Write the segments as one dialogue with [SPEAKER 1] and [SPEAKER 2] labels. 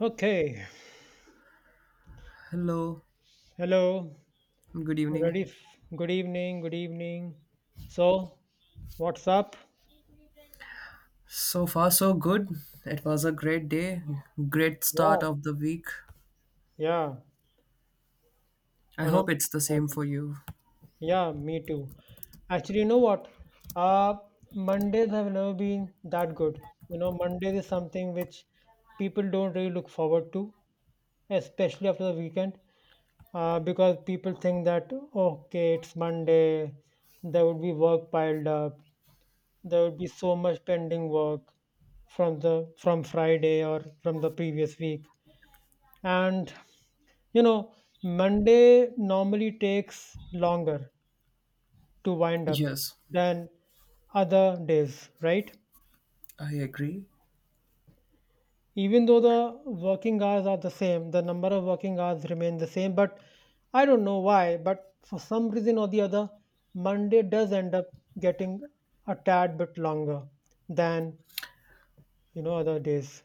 [SPEAKER 1] Okay,
[SPEAKER 2] Hello,
[SPEAKER 1] hello.
[SPEAKER 2] good evening.
[SPEAKER 1] Ready? Good evening. Good evening. So, what's up?
[SPEAKER 2] So far, so good. It was a great day, great
[SPEAKER 1] Yeah,
[SPEAKER 2] start of the week.
[SPEAKER 1] yeah.
[SPEAKER 2] I
[SPEAKER 1] On a
[SPEAKER 2] hope it's the same
[SPEAKER 1] morning.
[SPEAKER 2] for you.
[SPEAKER 1] Yeah, me too. Actually, you know what? Uh, Mondays have never been that good. You know, Mondays is something which people don't really look forward to, especially after the weekend, because people think that okay, it's Monday, there would be work piled up, there would be so much pending work from Friday or from the previous week and you know Monday normally takes longer to wind up
[SPEAKER 2] Yes,
[SPEAKER 1] than other days, right?
[SPEAKER 2] I agree.
[SPEAKER 1] Even though the working hours are the same, the number of working hours remain the same, but I don't know why, but for some reason or the other, Monday does end up getting a tad bit longer than, other days.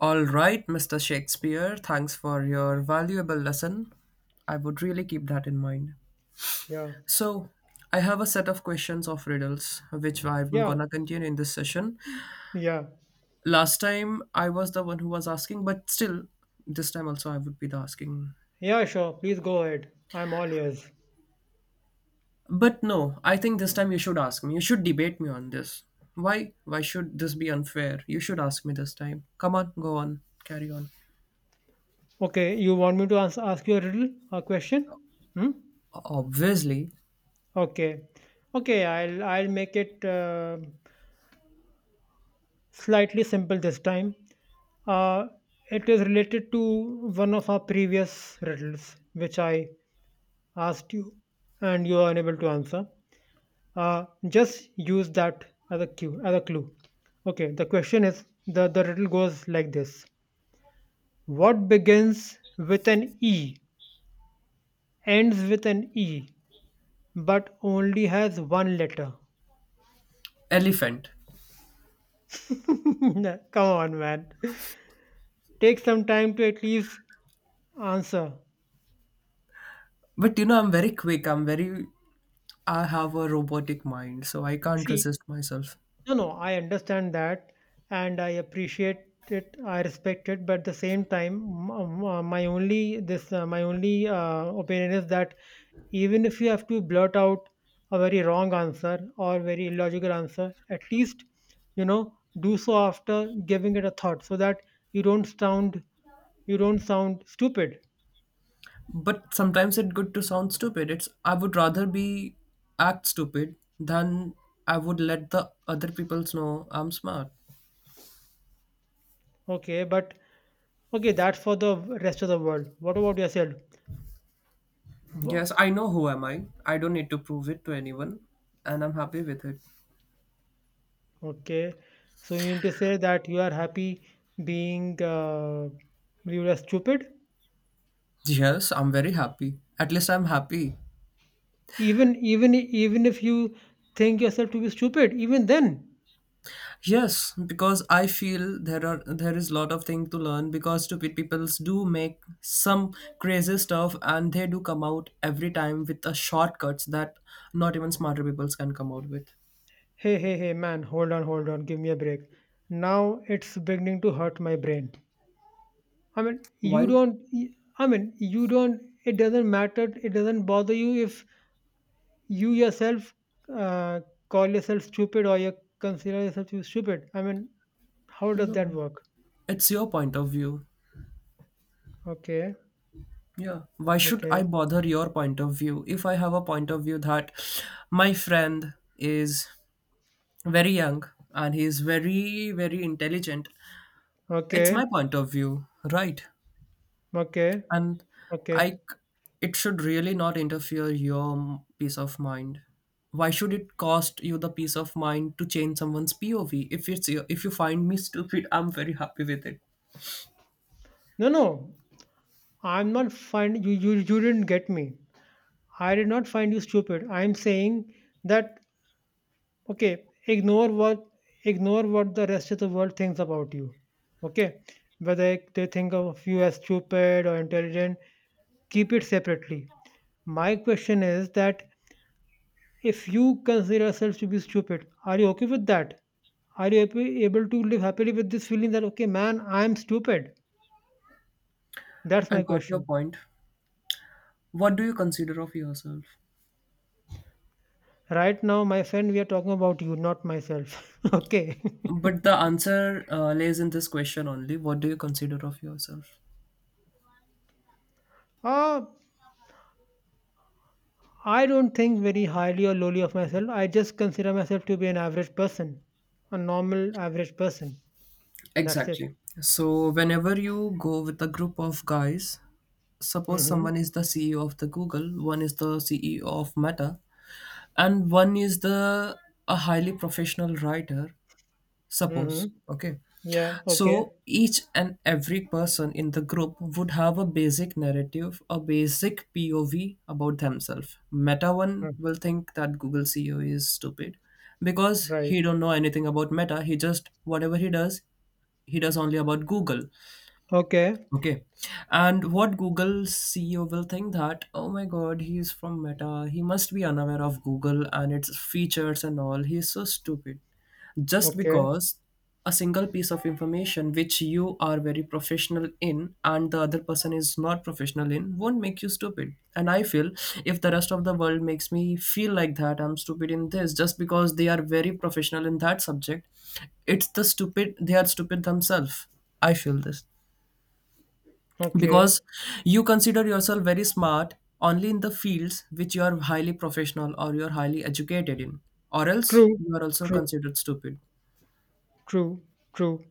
[SPEAKER 2] All right, Mr. Shakespeare, thanks for your valuable lesson. I would really keep that in mind.
[SPEAKER 1] Yeah,
[SPEAKER 2] So, I have a set of questions of riddles, which I'm
[SPEAKER 1] yeah.
[SPEAKER 2] gonna continue in this session.
[SPEAKER 1] Yeah.
[SPEAKER 2] Last time I was the one who was asking, but still, this time also I would be the asking.
[SPEAKER 1] Yeah, sure. Please go ahead. I'm all ears.
[SPEAKER 2] But no, I think this time you should ask me. You should debate me on this. Why? Why should this be unfair? You should ask me this time. Come on, go on, carry on.
[SPEAKER 1] Okay, you want me to ask you a riddle, a question? Hmm?
[SPEAKER 2] Obviously,
[SPEAKER 1] Okay. Okay, I'll make it slightly simple this time. Uh, it is related to one of our previous riddles, which I asked you, and you are unable to answer. Just use that as a cue, as a clue. Okay, the question is the riddle goes like this: what begins with an E, ends with an E, but only has one letter?
[SPEAKER 2] elephant.
[SPEAKER 1] Come on, man. Take some time to at least answer.
[SPEAKER 2] But you know, I'm very quick. I'm very. I have a robotic mind, so I can't
[SPEAKER 1] See,
[SPEAKER 2] resist myself.
[SPEAKER 1] no, no, I understand that and I appreciate it. I respect it, but at the same time, my only this, my only opinion is that even if you have to blurt out a very wrong answer or very illogical answer, at least, you know do so after giving it a thought, so that you don't sound, you don't sound stupid.
[SPEAKER 2] But sometimes it's good to sound stupid. It's I would rather be act stupid than I would let the other people's know I'm smart.
[SPEAKER 1] Okay, but okay, that's for the rest of the world. What about yourself?
[SPEAKER 2] Yes, I know who am I. I don't need to prove it to anyone, and I'm happy with it.
[SPEAKER 1] Okay, so you mean to say that you are happy being viewed as stupid,
[SPEAKER 2] Yes, I'm very happy. At least I'm happy.
[SPEAKER 1] even if you think yourself to be stupid, even then,
[SPEAKER 2] Yes, because I feel there is a lot of thing to learn because stupid peoples do make some crazy stuff and they do come out every time with the shortcuts that not even smarter peoples can come out with.
[SPEAKER 1] hey, hey, hey, man, hold on, hold on, give me a break. Now it's beginning to hurt my brain. I mean, you
[SPEAKER 2] Why?
[SPEAKER 1] don't. I mean, you don't. It doesn't matter. It doesn't bother you if you yourself, uh, call yourself stupid or you consider yourself to be stupid. I mean, how does that
[SPEAKER 2] No.
[SPEAKER 1] work?
[SPEAKER 2] It's your point of view.
[SPEAKER 1] Okay,
[SPEAKER 2] Yeah. Why should
[SPEAKER 1] okay.
[SPEAKER 2] I bother your point of view if I have a point of view that my friend is very young and he is very very intelligent. It's
[SPEAKER 1] Okay,
[SPEAKER 2] my point of view, right?
[SPEAKER 1] okay,
[SPEAKER 2] And I,
[SPEAKER 1] okay.
[SPEAKER 2] c- it should really not interfere your peace of mind. Why should it cost you the peace of mind to change someone's POV? If you find me stupid, I'm very happy with it.
[SPEAKER 1] No, no, I'm not find you, you. You didn't get me. I did not find you stupid. I'm saying that okay. Ignore what the rest of the world thinks about you. Okay, whether they think of you as stupid or intelligent, keep it separately. My question is that if you consider yourself to be stupid, are you okay with that? Are you able to live happily with this feeling that okay, man, I'm stupid? That's
[SPEAKER 2] I
[SPEAKER 1] my
[SPEAKER 2] got your
[SPEAKER 1] question.
[SPEAKER 2] point. What do you consider of yourself?
[SPEAKER 1] Right now, my friend, we are talking about you, not myself. Okay.
[SPEAKER 2] But the answer lays in this question only. What do you consider of yourself?
[SPEAKER 1] uh, I don't think very highly or lowly of myself. I just consider myself to be an average person, a normal average person. That's it.
[SPEAKER 2] Exactly. So, whenever you go with a group of guys, suppose
[SPEAKER 1] Mm-hmm.
[SPEAKER 2] someone is the CEO of the Google, one is the CEO of Meta, and one is the a highly professional writer, suppose.
[SPEAKER 1] Mm-hmm.
[SPEAKER 2] Okay.
[SPEAKER 1] Yeah. Okay.
[SPEAKER 2] So each and every person in the group would have a basic narrative, a basic POV about themselves. Meta one
[SPEAKER 1] Mm,
[SPEAKER 2] will think that Google CEO is stupid because
[SPEAKER 1] right.
[SPEAKER 2] he don't know anything about Meta. He just whatever he does only about Google.
[SPEAKER 1] Okay.
[SPEAKER 2] Okay. And what Google CEO will think that, oh my God, he is from Meta. He must be unaware of Google and its features and all. He is so stupid. Just
[SPEAKER 1] Okay.
[SPEAKER 2] because a single piece of information which you are very professional in and the other person is not professional in won't make you stupid. And I feel if the rest of the world makes me feel like that, I'm stupid in this just because they are very professional in that subject, it's the stupid, they are stupid themselves. I feel this because
[SPEAKER 1] Okay.
[SPEAKER 2] you consider yourself very smart only in the fields which you are highly professional or you're highly educated in, or else
[SPEAKER 1] True.
[SPEAKER 2] you are also
[SPEAKER 1] True.
[SPEAKER 2] considered stupid.
[SPEAKER 1] True. True.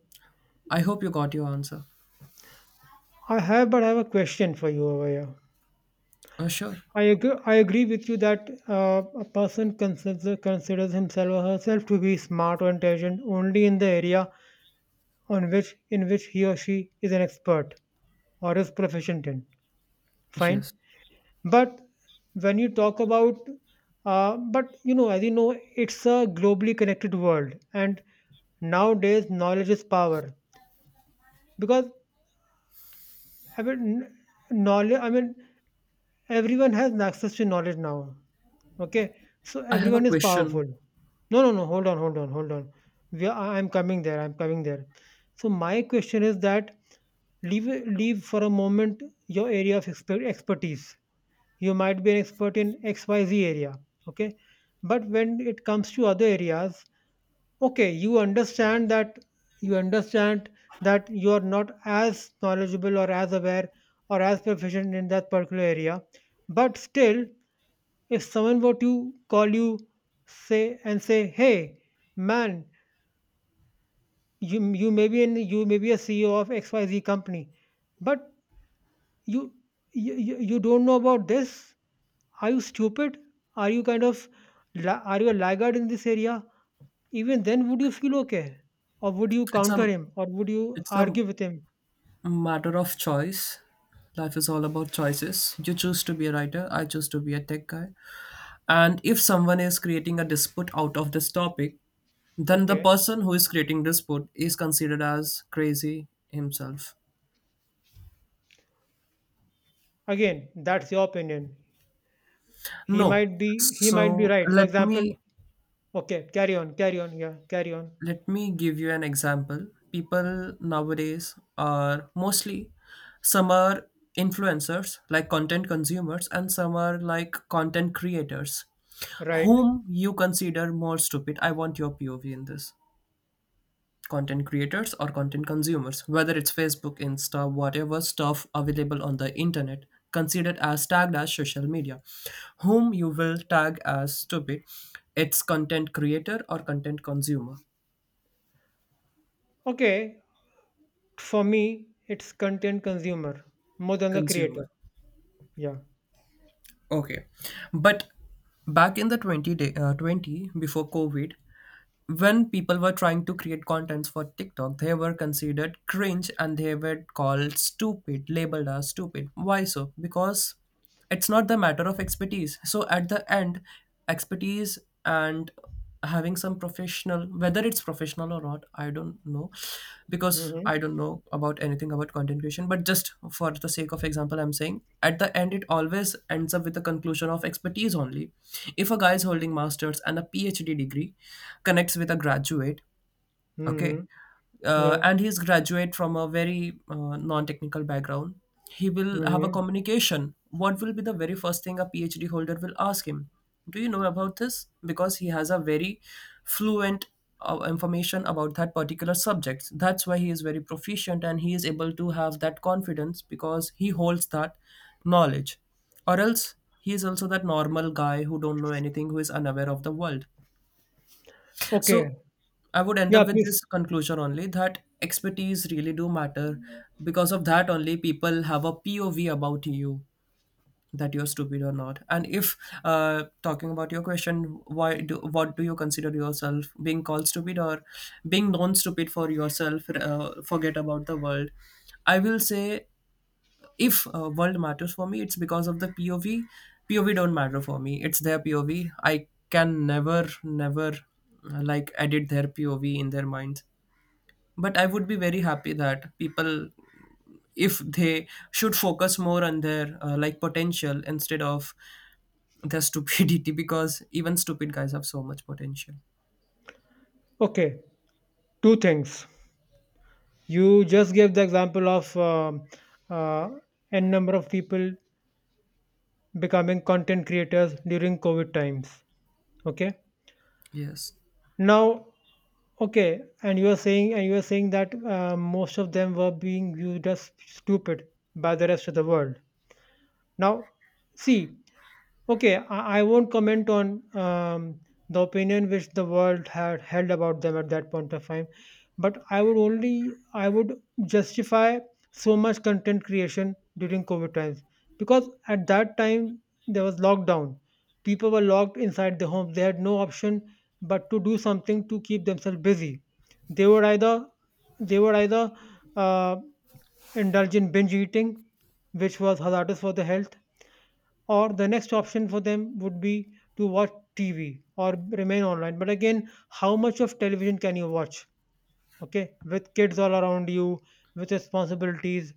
[SPEAKER 2] I hope you got your answer.
[SPEAKER 1] I have, but I have a question for you over here.
[SPEAKER 2] Oh, sure.
[SPEAKER 1] I agree with you that a person considers himself or herself to be smart or intelligent only in the area on which in which he or she is an expert or is proficient in. Fine,
[SPEAKER 2] Yes,
[SPEAKER 1] but when you talk about, but you know, as you know, it's a globally connected world, and nowadays knowledge is power because I mean, knowledge. I mean, everyone has access to knowledge now. Okay, so
[SPEAKER 2] I have a
[SPEAKER 1] everyone is powerful.
[SPEAKER 2] question.
[SPEAKER 1] No, no, no, hold on, hold on, hold on. We are, I'm coming there, I'm coming there. So my question is that leave leave for a moment your area of expertise. You might be an expert in XYZ area, okay? But when it comes to other areas, okay, you understand that, you understand that you are not as knowledgeable or as aware or as proficient in that particular area, but still, if someone were to call you say and say, "Hey, man, you may be a CEO of XYZ company, but you you don't know about this. Are you stupid? Are you kind of are you a laggard in this area?" Even then, would you feel okay, or would you
[SPEAKER 2] it's
[SPEAKER 1] counter
[SPEAKER 2] a
[SPEAKER 1] him, or would you
[SPEAKER 2] it's a
[SPEAKER 1] argue with him?
[SPEAKER 2] matter of choice. Life is all about choices. You choose to be a writer, I choose to be a tech guy. And if someone is creating a dispute out of this topic, then the
[SPEAKER 1] Okay,
[SPEAKER 2] person who is creating dispute is considered as crazy himself.
[SPEAKER 1] again, that's your opinion. He
[SPEAKER 2] No.
[SPEAKER 1] might be, he might be
[SPEAKER 2] So
[SPEAKER 1] right. For
[SPEAKER 2] let
[SPEAKER 1] example,
[SPEAKER 2] me
[SPEAKER 1] okay, carry on, carry on, yeah, carry on.
[SPEAKER 2] let me give you an example. People nowadays are mostly, some are influencers like content consumers and some are like content creators.
[SPEAKER 1] Right.
[SPEAKER 2] Whom you consider more stupid? I want your POV in this. Content creators or content consumers, whether it's Facebook, Insta, whatever stuff available on the internet, considered as tagged as social media. Whom you will tag as stupid, it's content creator or content consumer.
[SPEAKER 1] Okay, for me, it's content consumer more than the creator.
[SPEAKER 2] Consumer.
[SPEAKER 1] Yeah.
[SPEAKER 2] Okay. But back in the 20 day, 20 before COVID, when people were trying to create contents for TikTok, they were considered cringe and they were called stupid, labeled as stupid. Why so? Because it's not the matter of expertise. So at the end, expertise and having some professional, whether it's professional or not, I don't know, because
[SPEAKER 1] Mm-hmm.
[SPEAKER 2] I don't know about anything about content creation, but just for the sake of example, I'm saying at the end it always ends up with the conclusion of expertise only. If a guy is holding masters and a PhD degree connects with a graduate, okay,
[SPEAKER 1] Mm-hmm. Yeah.
[SPEAKER 2] and he's graduate from a very non-technical background, he will have a
[SPEAKER 1] Mm-hmm.
[SPEAKER 2] communication. What will be the very first thing a PhD holder will ask him? Do you know about this? Because he has a very fluent information about that particular subject, that's why he is very proficient and he is able to have that confidence because he holds that knowledge. Or else he is also that normal guy who don't know anything, who is unaware of the world.
[SPEAKER 1] Okay.
[SPEAKER 2] So I would end
[SPEAKER 1] Yeah,
[SPEAKER 2] up with
[SPEAKER 1] please.
[SPEAKER 2] this conclusion only, that expertise really do matter. Because of that only, people have a POV about you that you're stupid or not. And if talking about your question, why do what do you consider yourself being called stupid or being known stupid for yourself? Forget about the world. I will say if world matters for me, it's because of the POV. POV don't matter for me, it's their POV. I can never never like edit their POV in their minds, but I would be very happy that people, if they should focus more on their like potential instead of their stupidity, because even stupid guys have so much potential.
[SPEAKER 1] Okay. Two things. You just gave the example of uh, n number of people becoming content creators during COVID times. Okay.
[SPEAKER 2] Yes.
[SPEAKER 1] Now, okay, and you are saying that most of them were being viewed as stupid by the rest of the world. Now, see, okay, I won't comment on the opinion which the world had held about them at that point of time, but I would justify so much content creation during COVID times because at that time there was lockdown. People were locked inside their homes. They had no option but to do something to keep themselves busy. They would either, they would either uh, indulge in binge eating, which was hazardous for the health, or the next option for them would be to watch TV or remain online. But again, how much of television can you watch? Okay, with kids all around you, with responsibilities.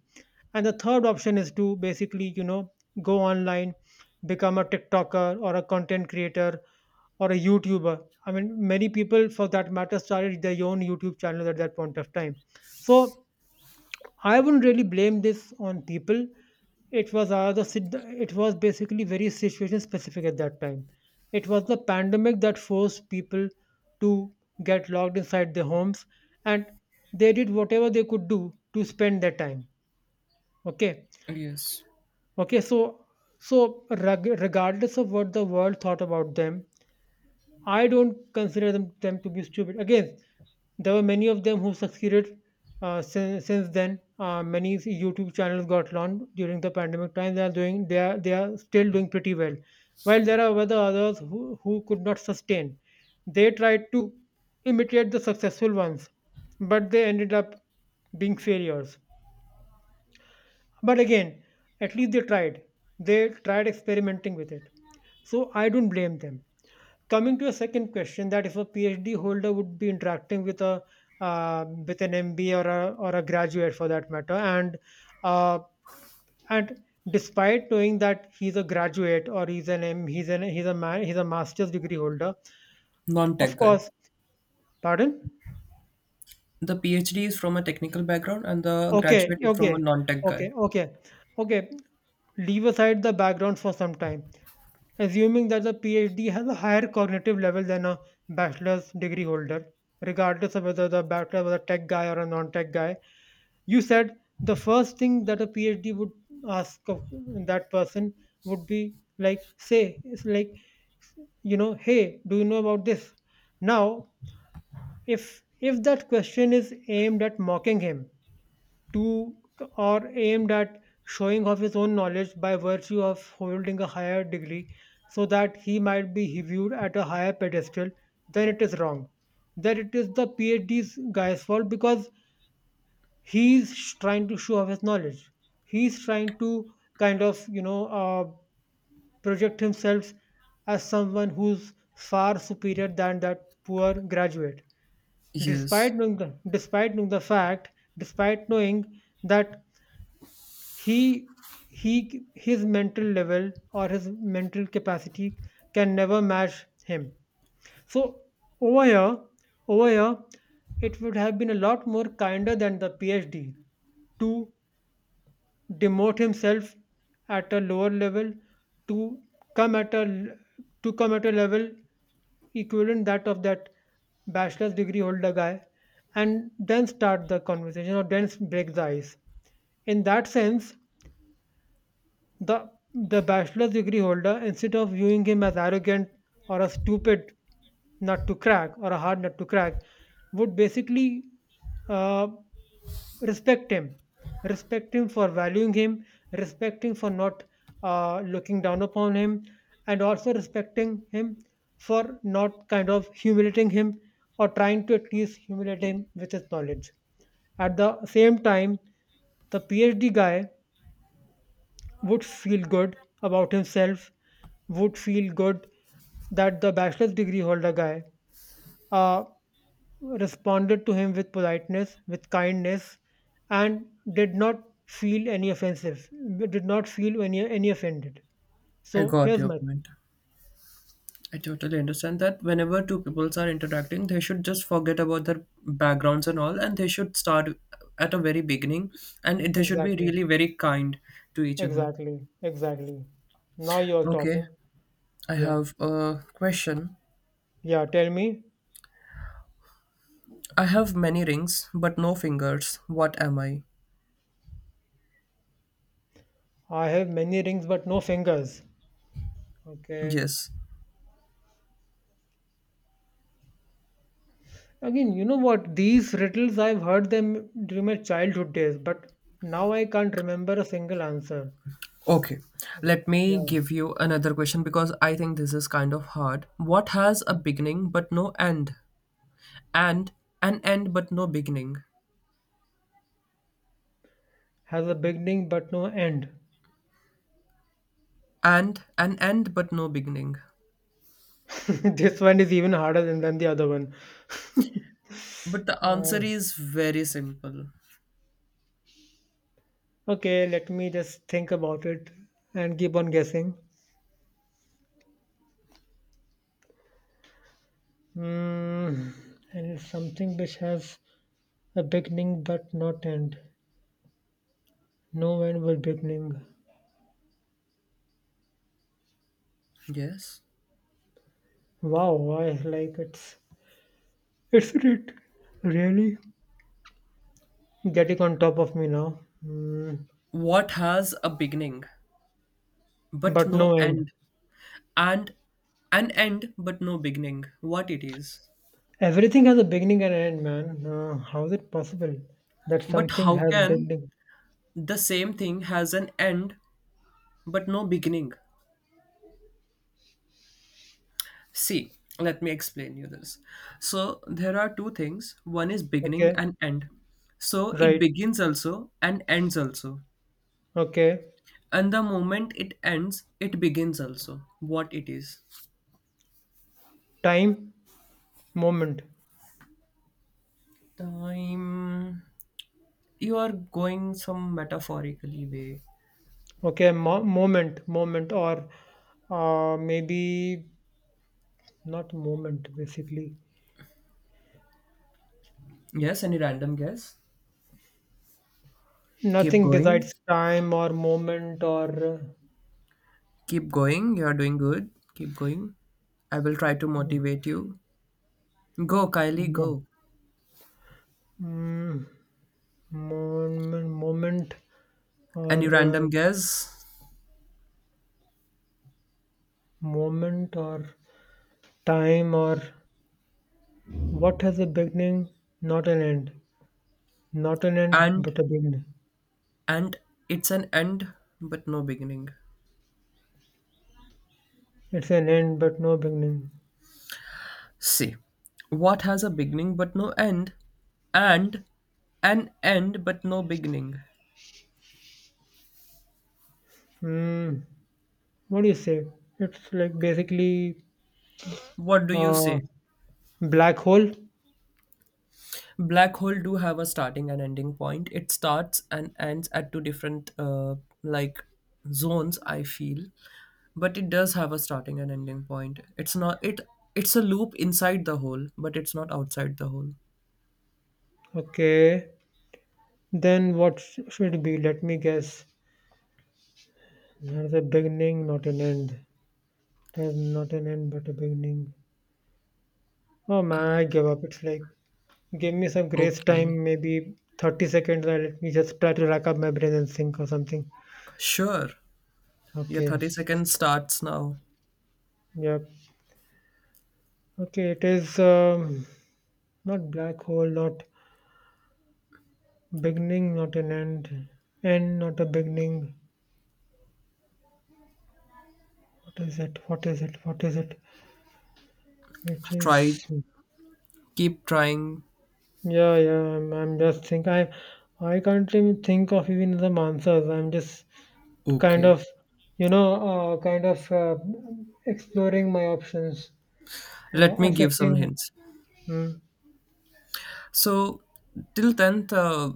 [SPEAKER 1] And the third option is to basically, you know, go online, become a TikToker or a content creator or a YouTuber. I mean, many people, for that matter, started their own YouTube channels at that point of time. So I wouldn't really blame this on people. It was, it was basically very situation specific at that time. It was the pandemic that forced people to get locked inside their homes, and they did whatever they could do to spend their time. Okay,
[SPEAKER 2] Yes.
[SPEAKER 1] okay. So so regardless of what the world thought about them, I don't consider them to be stupid. Again, there were many of them who succeeded since then. Many YouTube channels got launched during the pandemic time. They are doing, they are still doing pretty well. While there are other others who could not sustain, they tried to imitate the successful ones, but they ended up being failures. But again, at least they tried. They tried experimenting with it. So I don't blame them, coming to a second question that if a PhD holder would be interacting with a, uh, with an MBA or a graduate for that matter and, uh, and despite knowing that he's a graduate or he's an m he's an he's a man he's a master's degree holder, of
[SPEAKER 2] Non-tech guy.
[SPEAKER 1] course, pardon.
[SPEAKER 2] The PhD is from a technical background and the
[SPEAKER 1] Okay,
[SPEAKER 2] graduate is from a
[SPEAKER 1] okay,
[SPEAKER 2] non-tech
[SPEAKER 1] okay,
[SPEAKER 2] guy.
[SPEAKER 1] okay, okay, leave aside the background for some time, assuming that the PhD has a higher cognitive level than a bachelor's degree holder, regardless of whether the bachelor was a tech guy or a non tech guy. You said the first thing that a PhD would ask of that person would be like, say, it's like, you know, hey, do you know about this? Now, if that question is aimed at mocking him, to or aimed at showing off his own knowledge by virtue of holding a higher degree so that he might be viewed at a higher pedestal, then it is wrong. Then it is the PhD's guy's fault because he's trying to show off his knowledge. He's trying to kind of, you know, project himself as someone who's far superior than that poor graduate,
[SPEAKER 2] Yes.
[SPEAKER 1] despite knowing the fact, despite knowing that he he his mental level or his mental capacity can never match him, so, over here over here it would have been a lot more kinder than the PhD to demote himself at a lower level to come at to come at a level equivalent that of that bachelor's degree holder guy, and then start the conversation or then break the ice in that sense. The bachelor's degree holder, instead of viewing him as arrogant or a stupid nut to crack or a hard nut to crack, would basically, uh, respect him, respect him for valuing him, respecting for not, looking down upon him, and also respecting him for not kind of humiliating him or trying to at least humiliate him with his knowledge. At the same time, the PhD guy would feel good about himself, would feel good that the bachelor's degree holder guy uh, responded to him with politeness, with kindness, and did not feel any offensive, did not feel any offended.
[SPEAKER 2] I
[SPEAKER 1] So
[SPEAKER 2] got
[SPEAKER 1] here's
[SPEAKER 2] your
[SPEAKER 1] my thing.
[SPEAKER 2] point. I totally understand that whenever two peoples are interacting, they should just forget about their backgrounds and all, and they should start at a very beginning, and it- they should be
[SPEAKER 1] Exactly,
[SPEAKER 2] really very kind to each other.
[SPEAKER 1] exactly, exactly. Now you're
[SPEAKER 2] Okay,
[SPEAKER 1] talking.
[SPEAKER 2] I
[SPEAKER 1] Yeah,
[SPEAKER 2] have a question.
[SPEAKER 1] yeah, tell me.
[SPEAKER 2] I have many rings, but no fingers. What am I?
[SPEAKER 1] I have many rings but no fingers. Okay.
[SPEAKER 2] Yes.
[SPEAKER 1] Again, you know what? These riddles I've heard them during my childhood days, but now I can't remember a single answer.
[SPEAKER 2] Okay, let me
[SPEAKER 1] Yeah,
[SPEAKER 2] give you another question because I think this is kind of hard. What has a beginning but no end? And an end but no beginning?
[SPEAKER 1] has a beginning but no end.
[SPEAKER 2] And an end but no beginning.
[SPEAKER 1] This one is even harder than the other one.
[SPEAKER 2] But the
[SPEAKER 1] Uh,
[SPEAKER 2] answer is very simple.
[SPEAKER 1] okay, let me just think about it and keep on guessing. Mm, and it's something which has a beginning but not end. No end will beginning.
[SPEAKER 2] Yes.
[SPEAKER 1] Wow, I like it's really getting on top of me now. Mm,
[SPEAKER 2] What has a beginning but
[SPEAKER 1] but
[SPEAKER 2] no
[SPEAKER 1] no end.
[SPEAKER 2] end? And an end but no beginning. What it is.
[SPEAKER 1] Everything has a beginning and end, man. How is it possible that
[SPEAKER 2] But
[SPEAKER 1] something
[SPEAKER 2] how
[SPEAKER 1] has
[SPEAKER 2] can
[SPEAKER 1] beginning?
[SPEAKER 2] the same thing has an end but no beginning? See, let me explain you this. So there are two things. One is beginning
[SPEAKER 1] Okay,
[SPEAKER 2] and end. So it
[SPEAKER 1] right.
[SPEAKER 2] begins also and ends also.
[SPEAKER 1] Okay,
[SPEAKER 2] And the moment it ends, it begins also. What it is.
[SPEAKER 1] time, moment.
[SPEAKER 2] Time. You are going some metaphorically way.
[SPEAKER 1] Okay, moment, moment, or maybe not moment, basically.
[SPEAKER 2] Yes, any random guess? Keep
[SPEAKER 1] Nothing
[SPEAKER 2] going.
[SPEAKER 1] besides time or moment or
[SPEAKER 2] Keep going. You are doing good. Keep going. I will try to
[SPEAKER 1] mo-
[SPEAKER 2] motivate you. Go, Kylie,
[SPEAKER 1] mo-
[SPEAKER 2] go.
[SPEAKER 1] mm, moment, moment or
[SPEAKER 2] Any random guess?
[SPEAKER 1] moment or time or what has a beginning, not an end. Not an end,
[SPEAKER 2] And
[SPEAKER 1] but a beginning.
[SPEAKER 2] and it's an end but no beginning.
[SPEAKER 1] It's an end, but no beginning.
[SPEAKER 2] See, what has a beginning but no end? And an end but no beginning.
[SPEAKER 1] Hmm. What do you say? It's like basically
[SPEAKER 2] What do you
[SPEAKER 1] a
[SPEAKER 2] say?
[SPEAKER 1] black hole.
[SPEAKER 2] Black hole do have a starting and ending point. It starts and ends at two different like zones. I feel, but it does have a starting and ending point. It's not it. It's a loop inside the hole, but it's not outside the hole.
[SPEAKER 1] Okay. Then what should be? Let me guess. There's a beginning, not an end. There's not an end, but a beginning. Oh man, I give up. It's like, give me some grace
[SPEAKER 2] Okay,
[SPEAKER 1] time, maybe 30 seconds, and let me just try to rack up my brain and think or something.
[SPEAKER 2] sure. Your
[SPEAKER 1] Okay.
[SPEAKER 2] 30 seconds starts now.
[SPEAKER 1] Yep. Okay, it is not black hole, not beginning, not an end, end, not a beginning. What is it? What is it? What is it? Which
[SPEAKER 2] Try,
[SPEAKER 1] is
[SPEAKER 2] keep trying.
[SPEAKER 1] yeah, yeah. I'm just think, I can't even think of even some answers. I'm just kind
[SPEAKER 2] Okay,
[SPEAKER 1] of, kind of exploring my options,
[SPEAKER 2] let me give some
[SPEAKER 1] assessing.
[SPEAKER 2] hints.
[SPEAKER 1] Hmm.
[SPEAKER 2] So till 10th,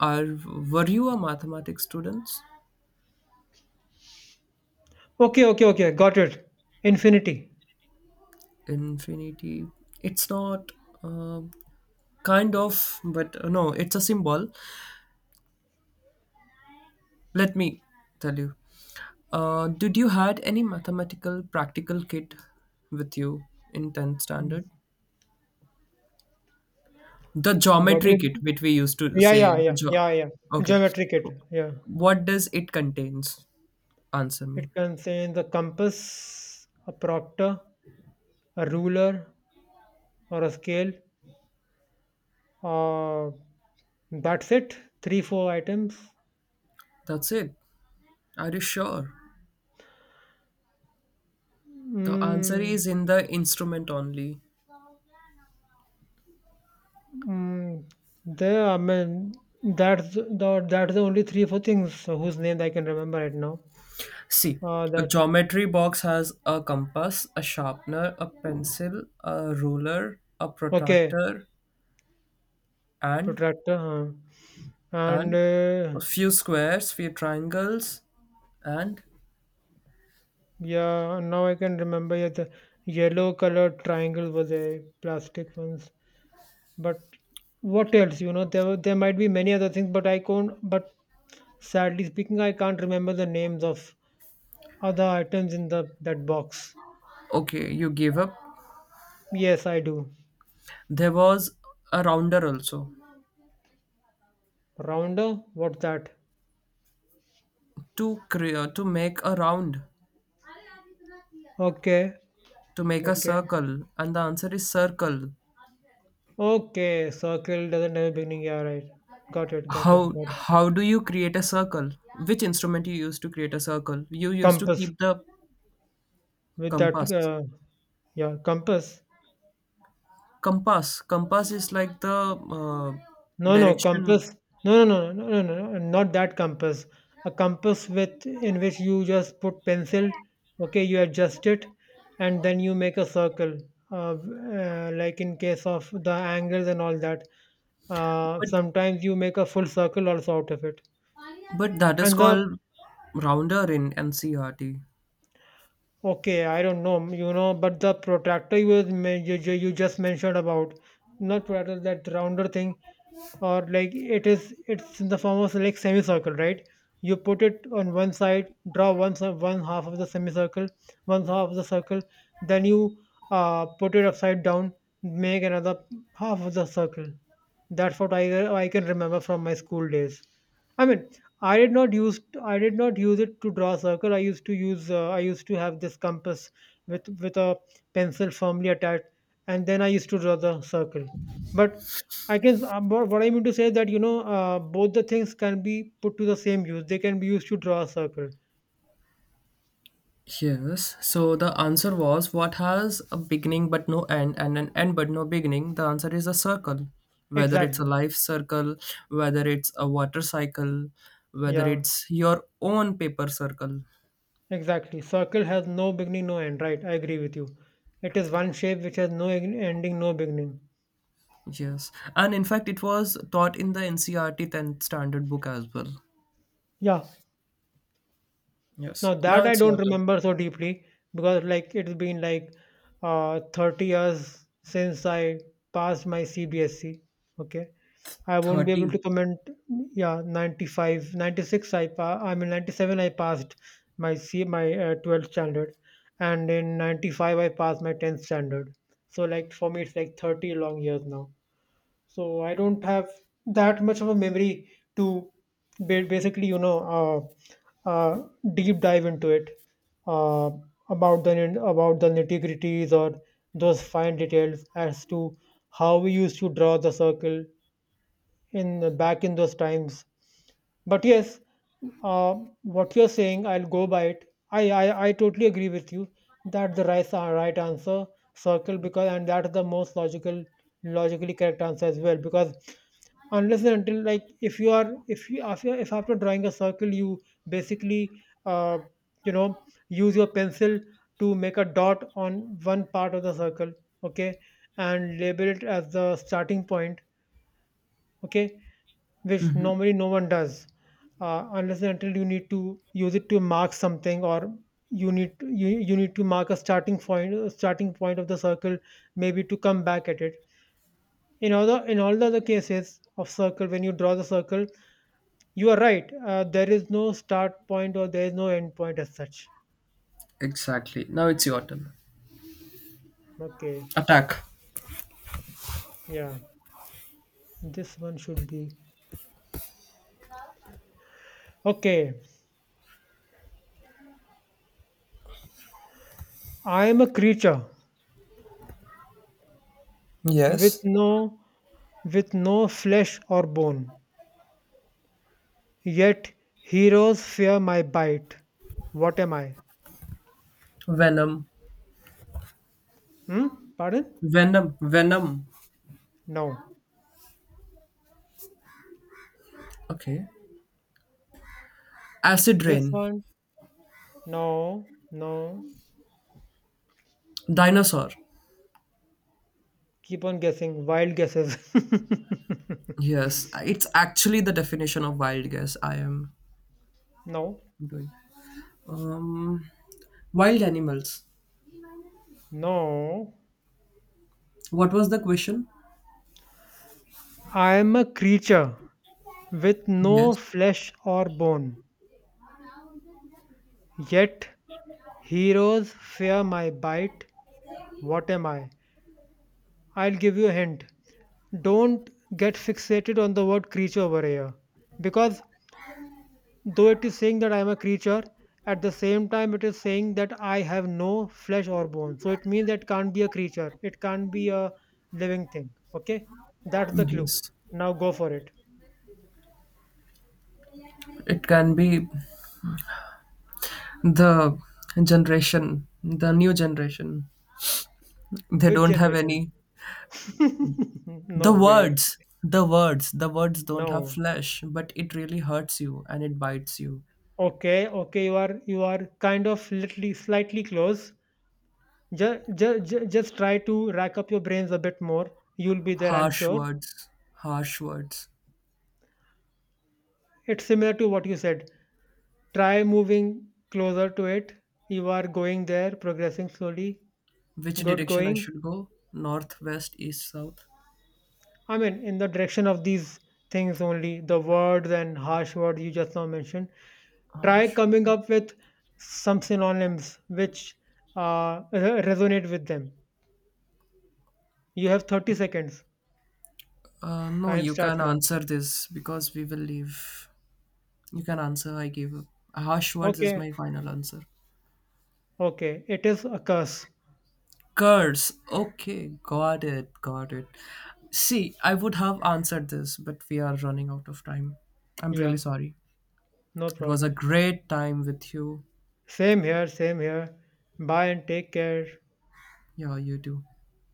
[SPEAKER 2] are were you a mathematics students?
[SPEAKER 1] Okay, okay, okay. Got it. Infinity.
[SPEAKER 2] Infinity? It's not, uh, kind of, but no, it's a symbol. Let me tell you, did you had any mathematical practical kit with you in 10th standard? The
[SPEAKER 1] What
[SPEAKER 2] geometry
[SPEAKER 1] is?
[SPEAKER 2] kit which we used to
[SPEAKER 1] Yeah,
[SPEAKER 2] say,
[SPEAKER 1] yeah,
[SPEAKER 2] the
[SPEAKER 1] yeah, yeah, yeah.
[SPEAKER 2] Okay,
[SPEAKER 1] Geometric it. Yeah.
[SPEAKER 2] what does it contains? Answer me.
[SPEAKER 1] It contains a compass, a proctor, a ruler, or a scale. Uh, that's it. Three, four items.
[SPEAKER 2] That's it? Are you sure? The answer
[SPEAKER 1] Mm,
[SPEAKER 2] is in the instrument only.
[SPEAKER 1] mm, there, I mean, that's the only three, four things. So whose names I can remember right now.
[SPEAKER 2] See, a
[SPEAKER 1] That
[SPEAKER 2] geometry box has a compass, a sharpener, a pencil, a ruler, a
[SPEAKER 1] Okay,
[SPEAKER 2] protractor, and
[SPEAKER 1] protractor, huh. And
[SPEAKER 2] and a few squares, few triangles, and
[SPEAKER 1] yeah, now I can remember. Yeah, the yellow colored triangle was a plastic one. But what else? There might be many other things, but I can't. But sadly speaking, I can't remember the names of other items in the that box.
[SPEAKER 2] okay, you gave up.
[SPEAKER 1] Yes, I do.
[SPEAKER 2] There was a rounder also
[SPEAKER 1] Rounder? What's that?
[SPEAKER 2] to make a round,
[SPEAKER 1] Okay,
[SPEAKER 2] to make a
[SPEAKER 1] okay,
[SPEAKER 2] circle, and the answer is circle.
[SPEAKER 1] okay. Circle doesn't have a beginning. Yeah, right. Got it, got it,
[SPEAKER 2] How
[SPEAKER 1] got it.
[SPEAKER 2] how do you create a circle? Which instrument you use to create a circle? You used to
[SPEAKER 1] Compass
[SPEAKER 2] keep the
[SPEAKER 1] with that.
[SPEAKER 2] compass.
[SPEAKER 1] Yeah, compass.
[SPEAKER 2] Compass. Compass is like the
[SPEAKER 1] No, no,
[SPEAKER 2] direction,
[SPEAKER 1] compass. No, no, no, no, no, no, no, not that compass. A compass with in which you just put pencil, okay, you adjust it, and then you make a circle. Like in case of the angles and all that,
[SPEAKER 2] but
[SPEAKER 1] sometimes you make a full circle also out of it.
[SPEAKER 2] but that is
[SPEAKER 1] And the
[SPEAKER 2] called rounder in NCRT.
[SPEAKER 1] Okay, I don't know, but the protractor you was men- you just mentioned about, not protractor, that rounder thing. Or like it's in the form of like semicircle, right? You put it on one side, draw one half of the semicircle, one half of the circle, then you put it upside down, make another half of the circle. That's what I can remember from my school days. I mean, I did not use it to draw a circle. I used to have this compass with a pencil firmly attached, and then I used to draw the circle. But I guess what I mean to say is that both the things can be put to the same use. They can be used to draw a circle.
[SPEAKER 2] Yes. So the answer was what has a beginning but no end and an end but no beginning. The answer is a circle. Whether it's a
[SPEAKER 1] Exactly.
[SPEAKER 2] life circle, whether it's a water cycle, whether
[SPEAKER 1] Yeah.
[SPEAKER 2] it's your own paper circle.
[SPEAKER 1] Exactly. Circle has no beginning, no end. Right. I agree with you. It is one shape which has no ending, no beginning.
[SPEAKER 2] Yes. And in fact, it was taught in the NCRT 10th standard book as well.
[SPEAKER 1] Yeah, now
[SPEAKER 2] Yes. Now
[SPEAKER 1] that I
[SPEAKER 2] it's
[SPEAKER 1] don't
[SPEAKER 2] your turn.
[SPEAKER 1] remember so deeply because like it's been like 30 years since I passed my CBSC. Okay. I won't be able to
[SPEAKER 2] 30.
[SPEAKER 1] comment. Yeah, 95, 96. I mean, 97 I passed my 12th standard, and in 95 I passed my 10th standard. So like for me it's like 30 long years now, so I don't have that much of a memory to basically, deep dive into it uh, about the nitty gritties or those fine details as to how we used to draw the circle, in back in those times. But yes, uh, what you're saying, I'll go by it. I totally agree with you that the right answer circle because and that's the most logically correct answer as well, because unless and until, like, if you are if you if, you, if after drawing a circle, you basically you know use your pencil to make a dot on one part of the circle, okay, and label it as the starting point, okay, which normally no one does. Unless and until you need to use it to mark something, or you need to mark a starting point of the circle, maybe to come back at it. In all the other cases of circle, when you draw the circle, you are right. There is no start point or there is no end point as such.
[SPEAKER 2] Exactly. Now it's your turn.
[SPEAKER 1] Okay.
[SPEAKER 2] Attack.
[SPEAKER 1] Yeah, this one should be okay. I am a creature with
[SPEAKER 2] Yes.
[SPEAKER 1] no flesh or bone. Yet heroes fear my bite. What am I?
[SPEAKER 2] Venom.
[SPEAKER 1] Hmm? Pardon?
[SPEAKER 2] Venom. Venom.
[SPEAKER 1] No.
[SPEAKER 2] Okay. Acid
[SPEAKER 1] This
[SPEAKER 2] rain.
[SPEAKER 1] one? No. No.
[SPEAKER 2] Dinosaur.
[SPEAKER 1] Keep on guessing. Wild guesses.
[SPEAKER 2] Yes. It's actually the definition of wild guess I am
[SPEAKER 1] No.
[SPEAKER 2] doing. Um wild animals.
[SPEAKER 1] No.
[SPEAKER 2] What was the question?
[SPEAKER 1] I am a creature with no
[SPEAKER 2] Yes.
[SPEAKER 1] flesh or bone. Yet heroes fear my bite. What am I? I'll give you a hint. Don't get fixated on the word creature over here, because though it is saying that I am a creature, at the same time it is saying that I have no flesh or bone. So it means that can't be a creature. It can't be a living thing. Okay? That's the clue.
[SPEAKER 2] Yes.
[SPEAKER 1] Now go for it.
[SPEAKER 2] It can be the generation, the new generation. They
[SPEAKER 1] Which
[SPEAKER 2] don't have
[SPEAKER 1] generation?
[SPEAKER 2] any.
[SPEAKER 1] No
[SPEAKER 2] The
[SPEAKER 1] way.
[SPEAKER 2] words, the words, the words don't have
[SPEAKER 1] No.
[SPEAKER 2] flesh, but it really hurts you and it bites you.
[SPEAKER 1] Okay, okay, you are kind of literally slightly close. Just try to rack up your brains a bit more. You'll be there, I'm
[SPEAKER 2] Harsh
[SPEAKER 1] sure.
[SPEAKER 2] words, harsh words.
[SPEAKER 1] It's similar to what you said. Try moving closer to it. You are going there, progressing slowly.
[SPEAKER 2] Which
[SPEAKER 1] Good
[SPEAKER 2] direction I
[SPEAKER 1] going.
[SPEAKER 2] should go? North, west, east, south?
[SPEAKER 1] I mean, in the direction of these things only, the words and harsh words you just now mentioned. Try
[SPEAKER 2] Harsh.
[SPEAKER 1] coming up with some synonyms which resonate with them. You have 30 seconds.
[SPEAKER 2] No,
[SPEAKER 1] Time
[SPEAKER 2] you
[SPEAKER 1] starts
[SPEAKER 2] can
[SPEAKER 1] now.
[SPEAKER 2] answer this because we will leave. You can answer, I give up. Harsh words is
[SPEAKER 1] Okay,
[SPEAKER 2] my final answer.
[SPEAKER 1] okay. It is a curse.
[SPEAKER 2] Curse. Okay, got it, got it. See, I would have answered this, but we are running out of time. I'm really
[SPEAKER 1] Yeah,
[SPEAKER 2] sorry.
[SPEAKER 1] no
[SPEAKER 2] It was a
[SPEAKER 1] problem.
[SPEAKER 2] great time with you.
[SPEAKER 1] Same here, same here. Bye and take care.
[SPEAKER 2] Yeah, you do.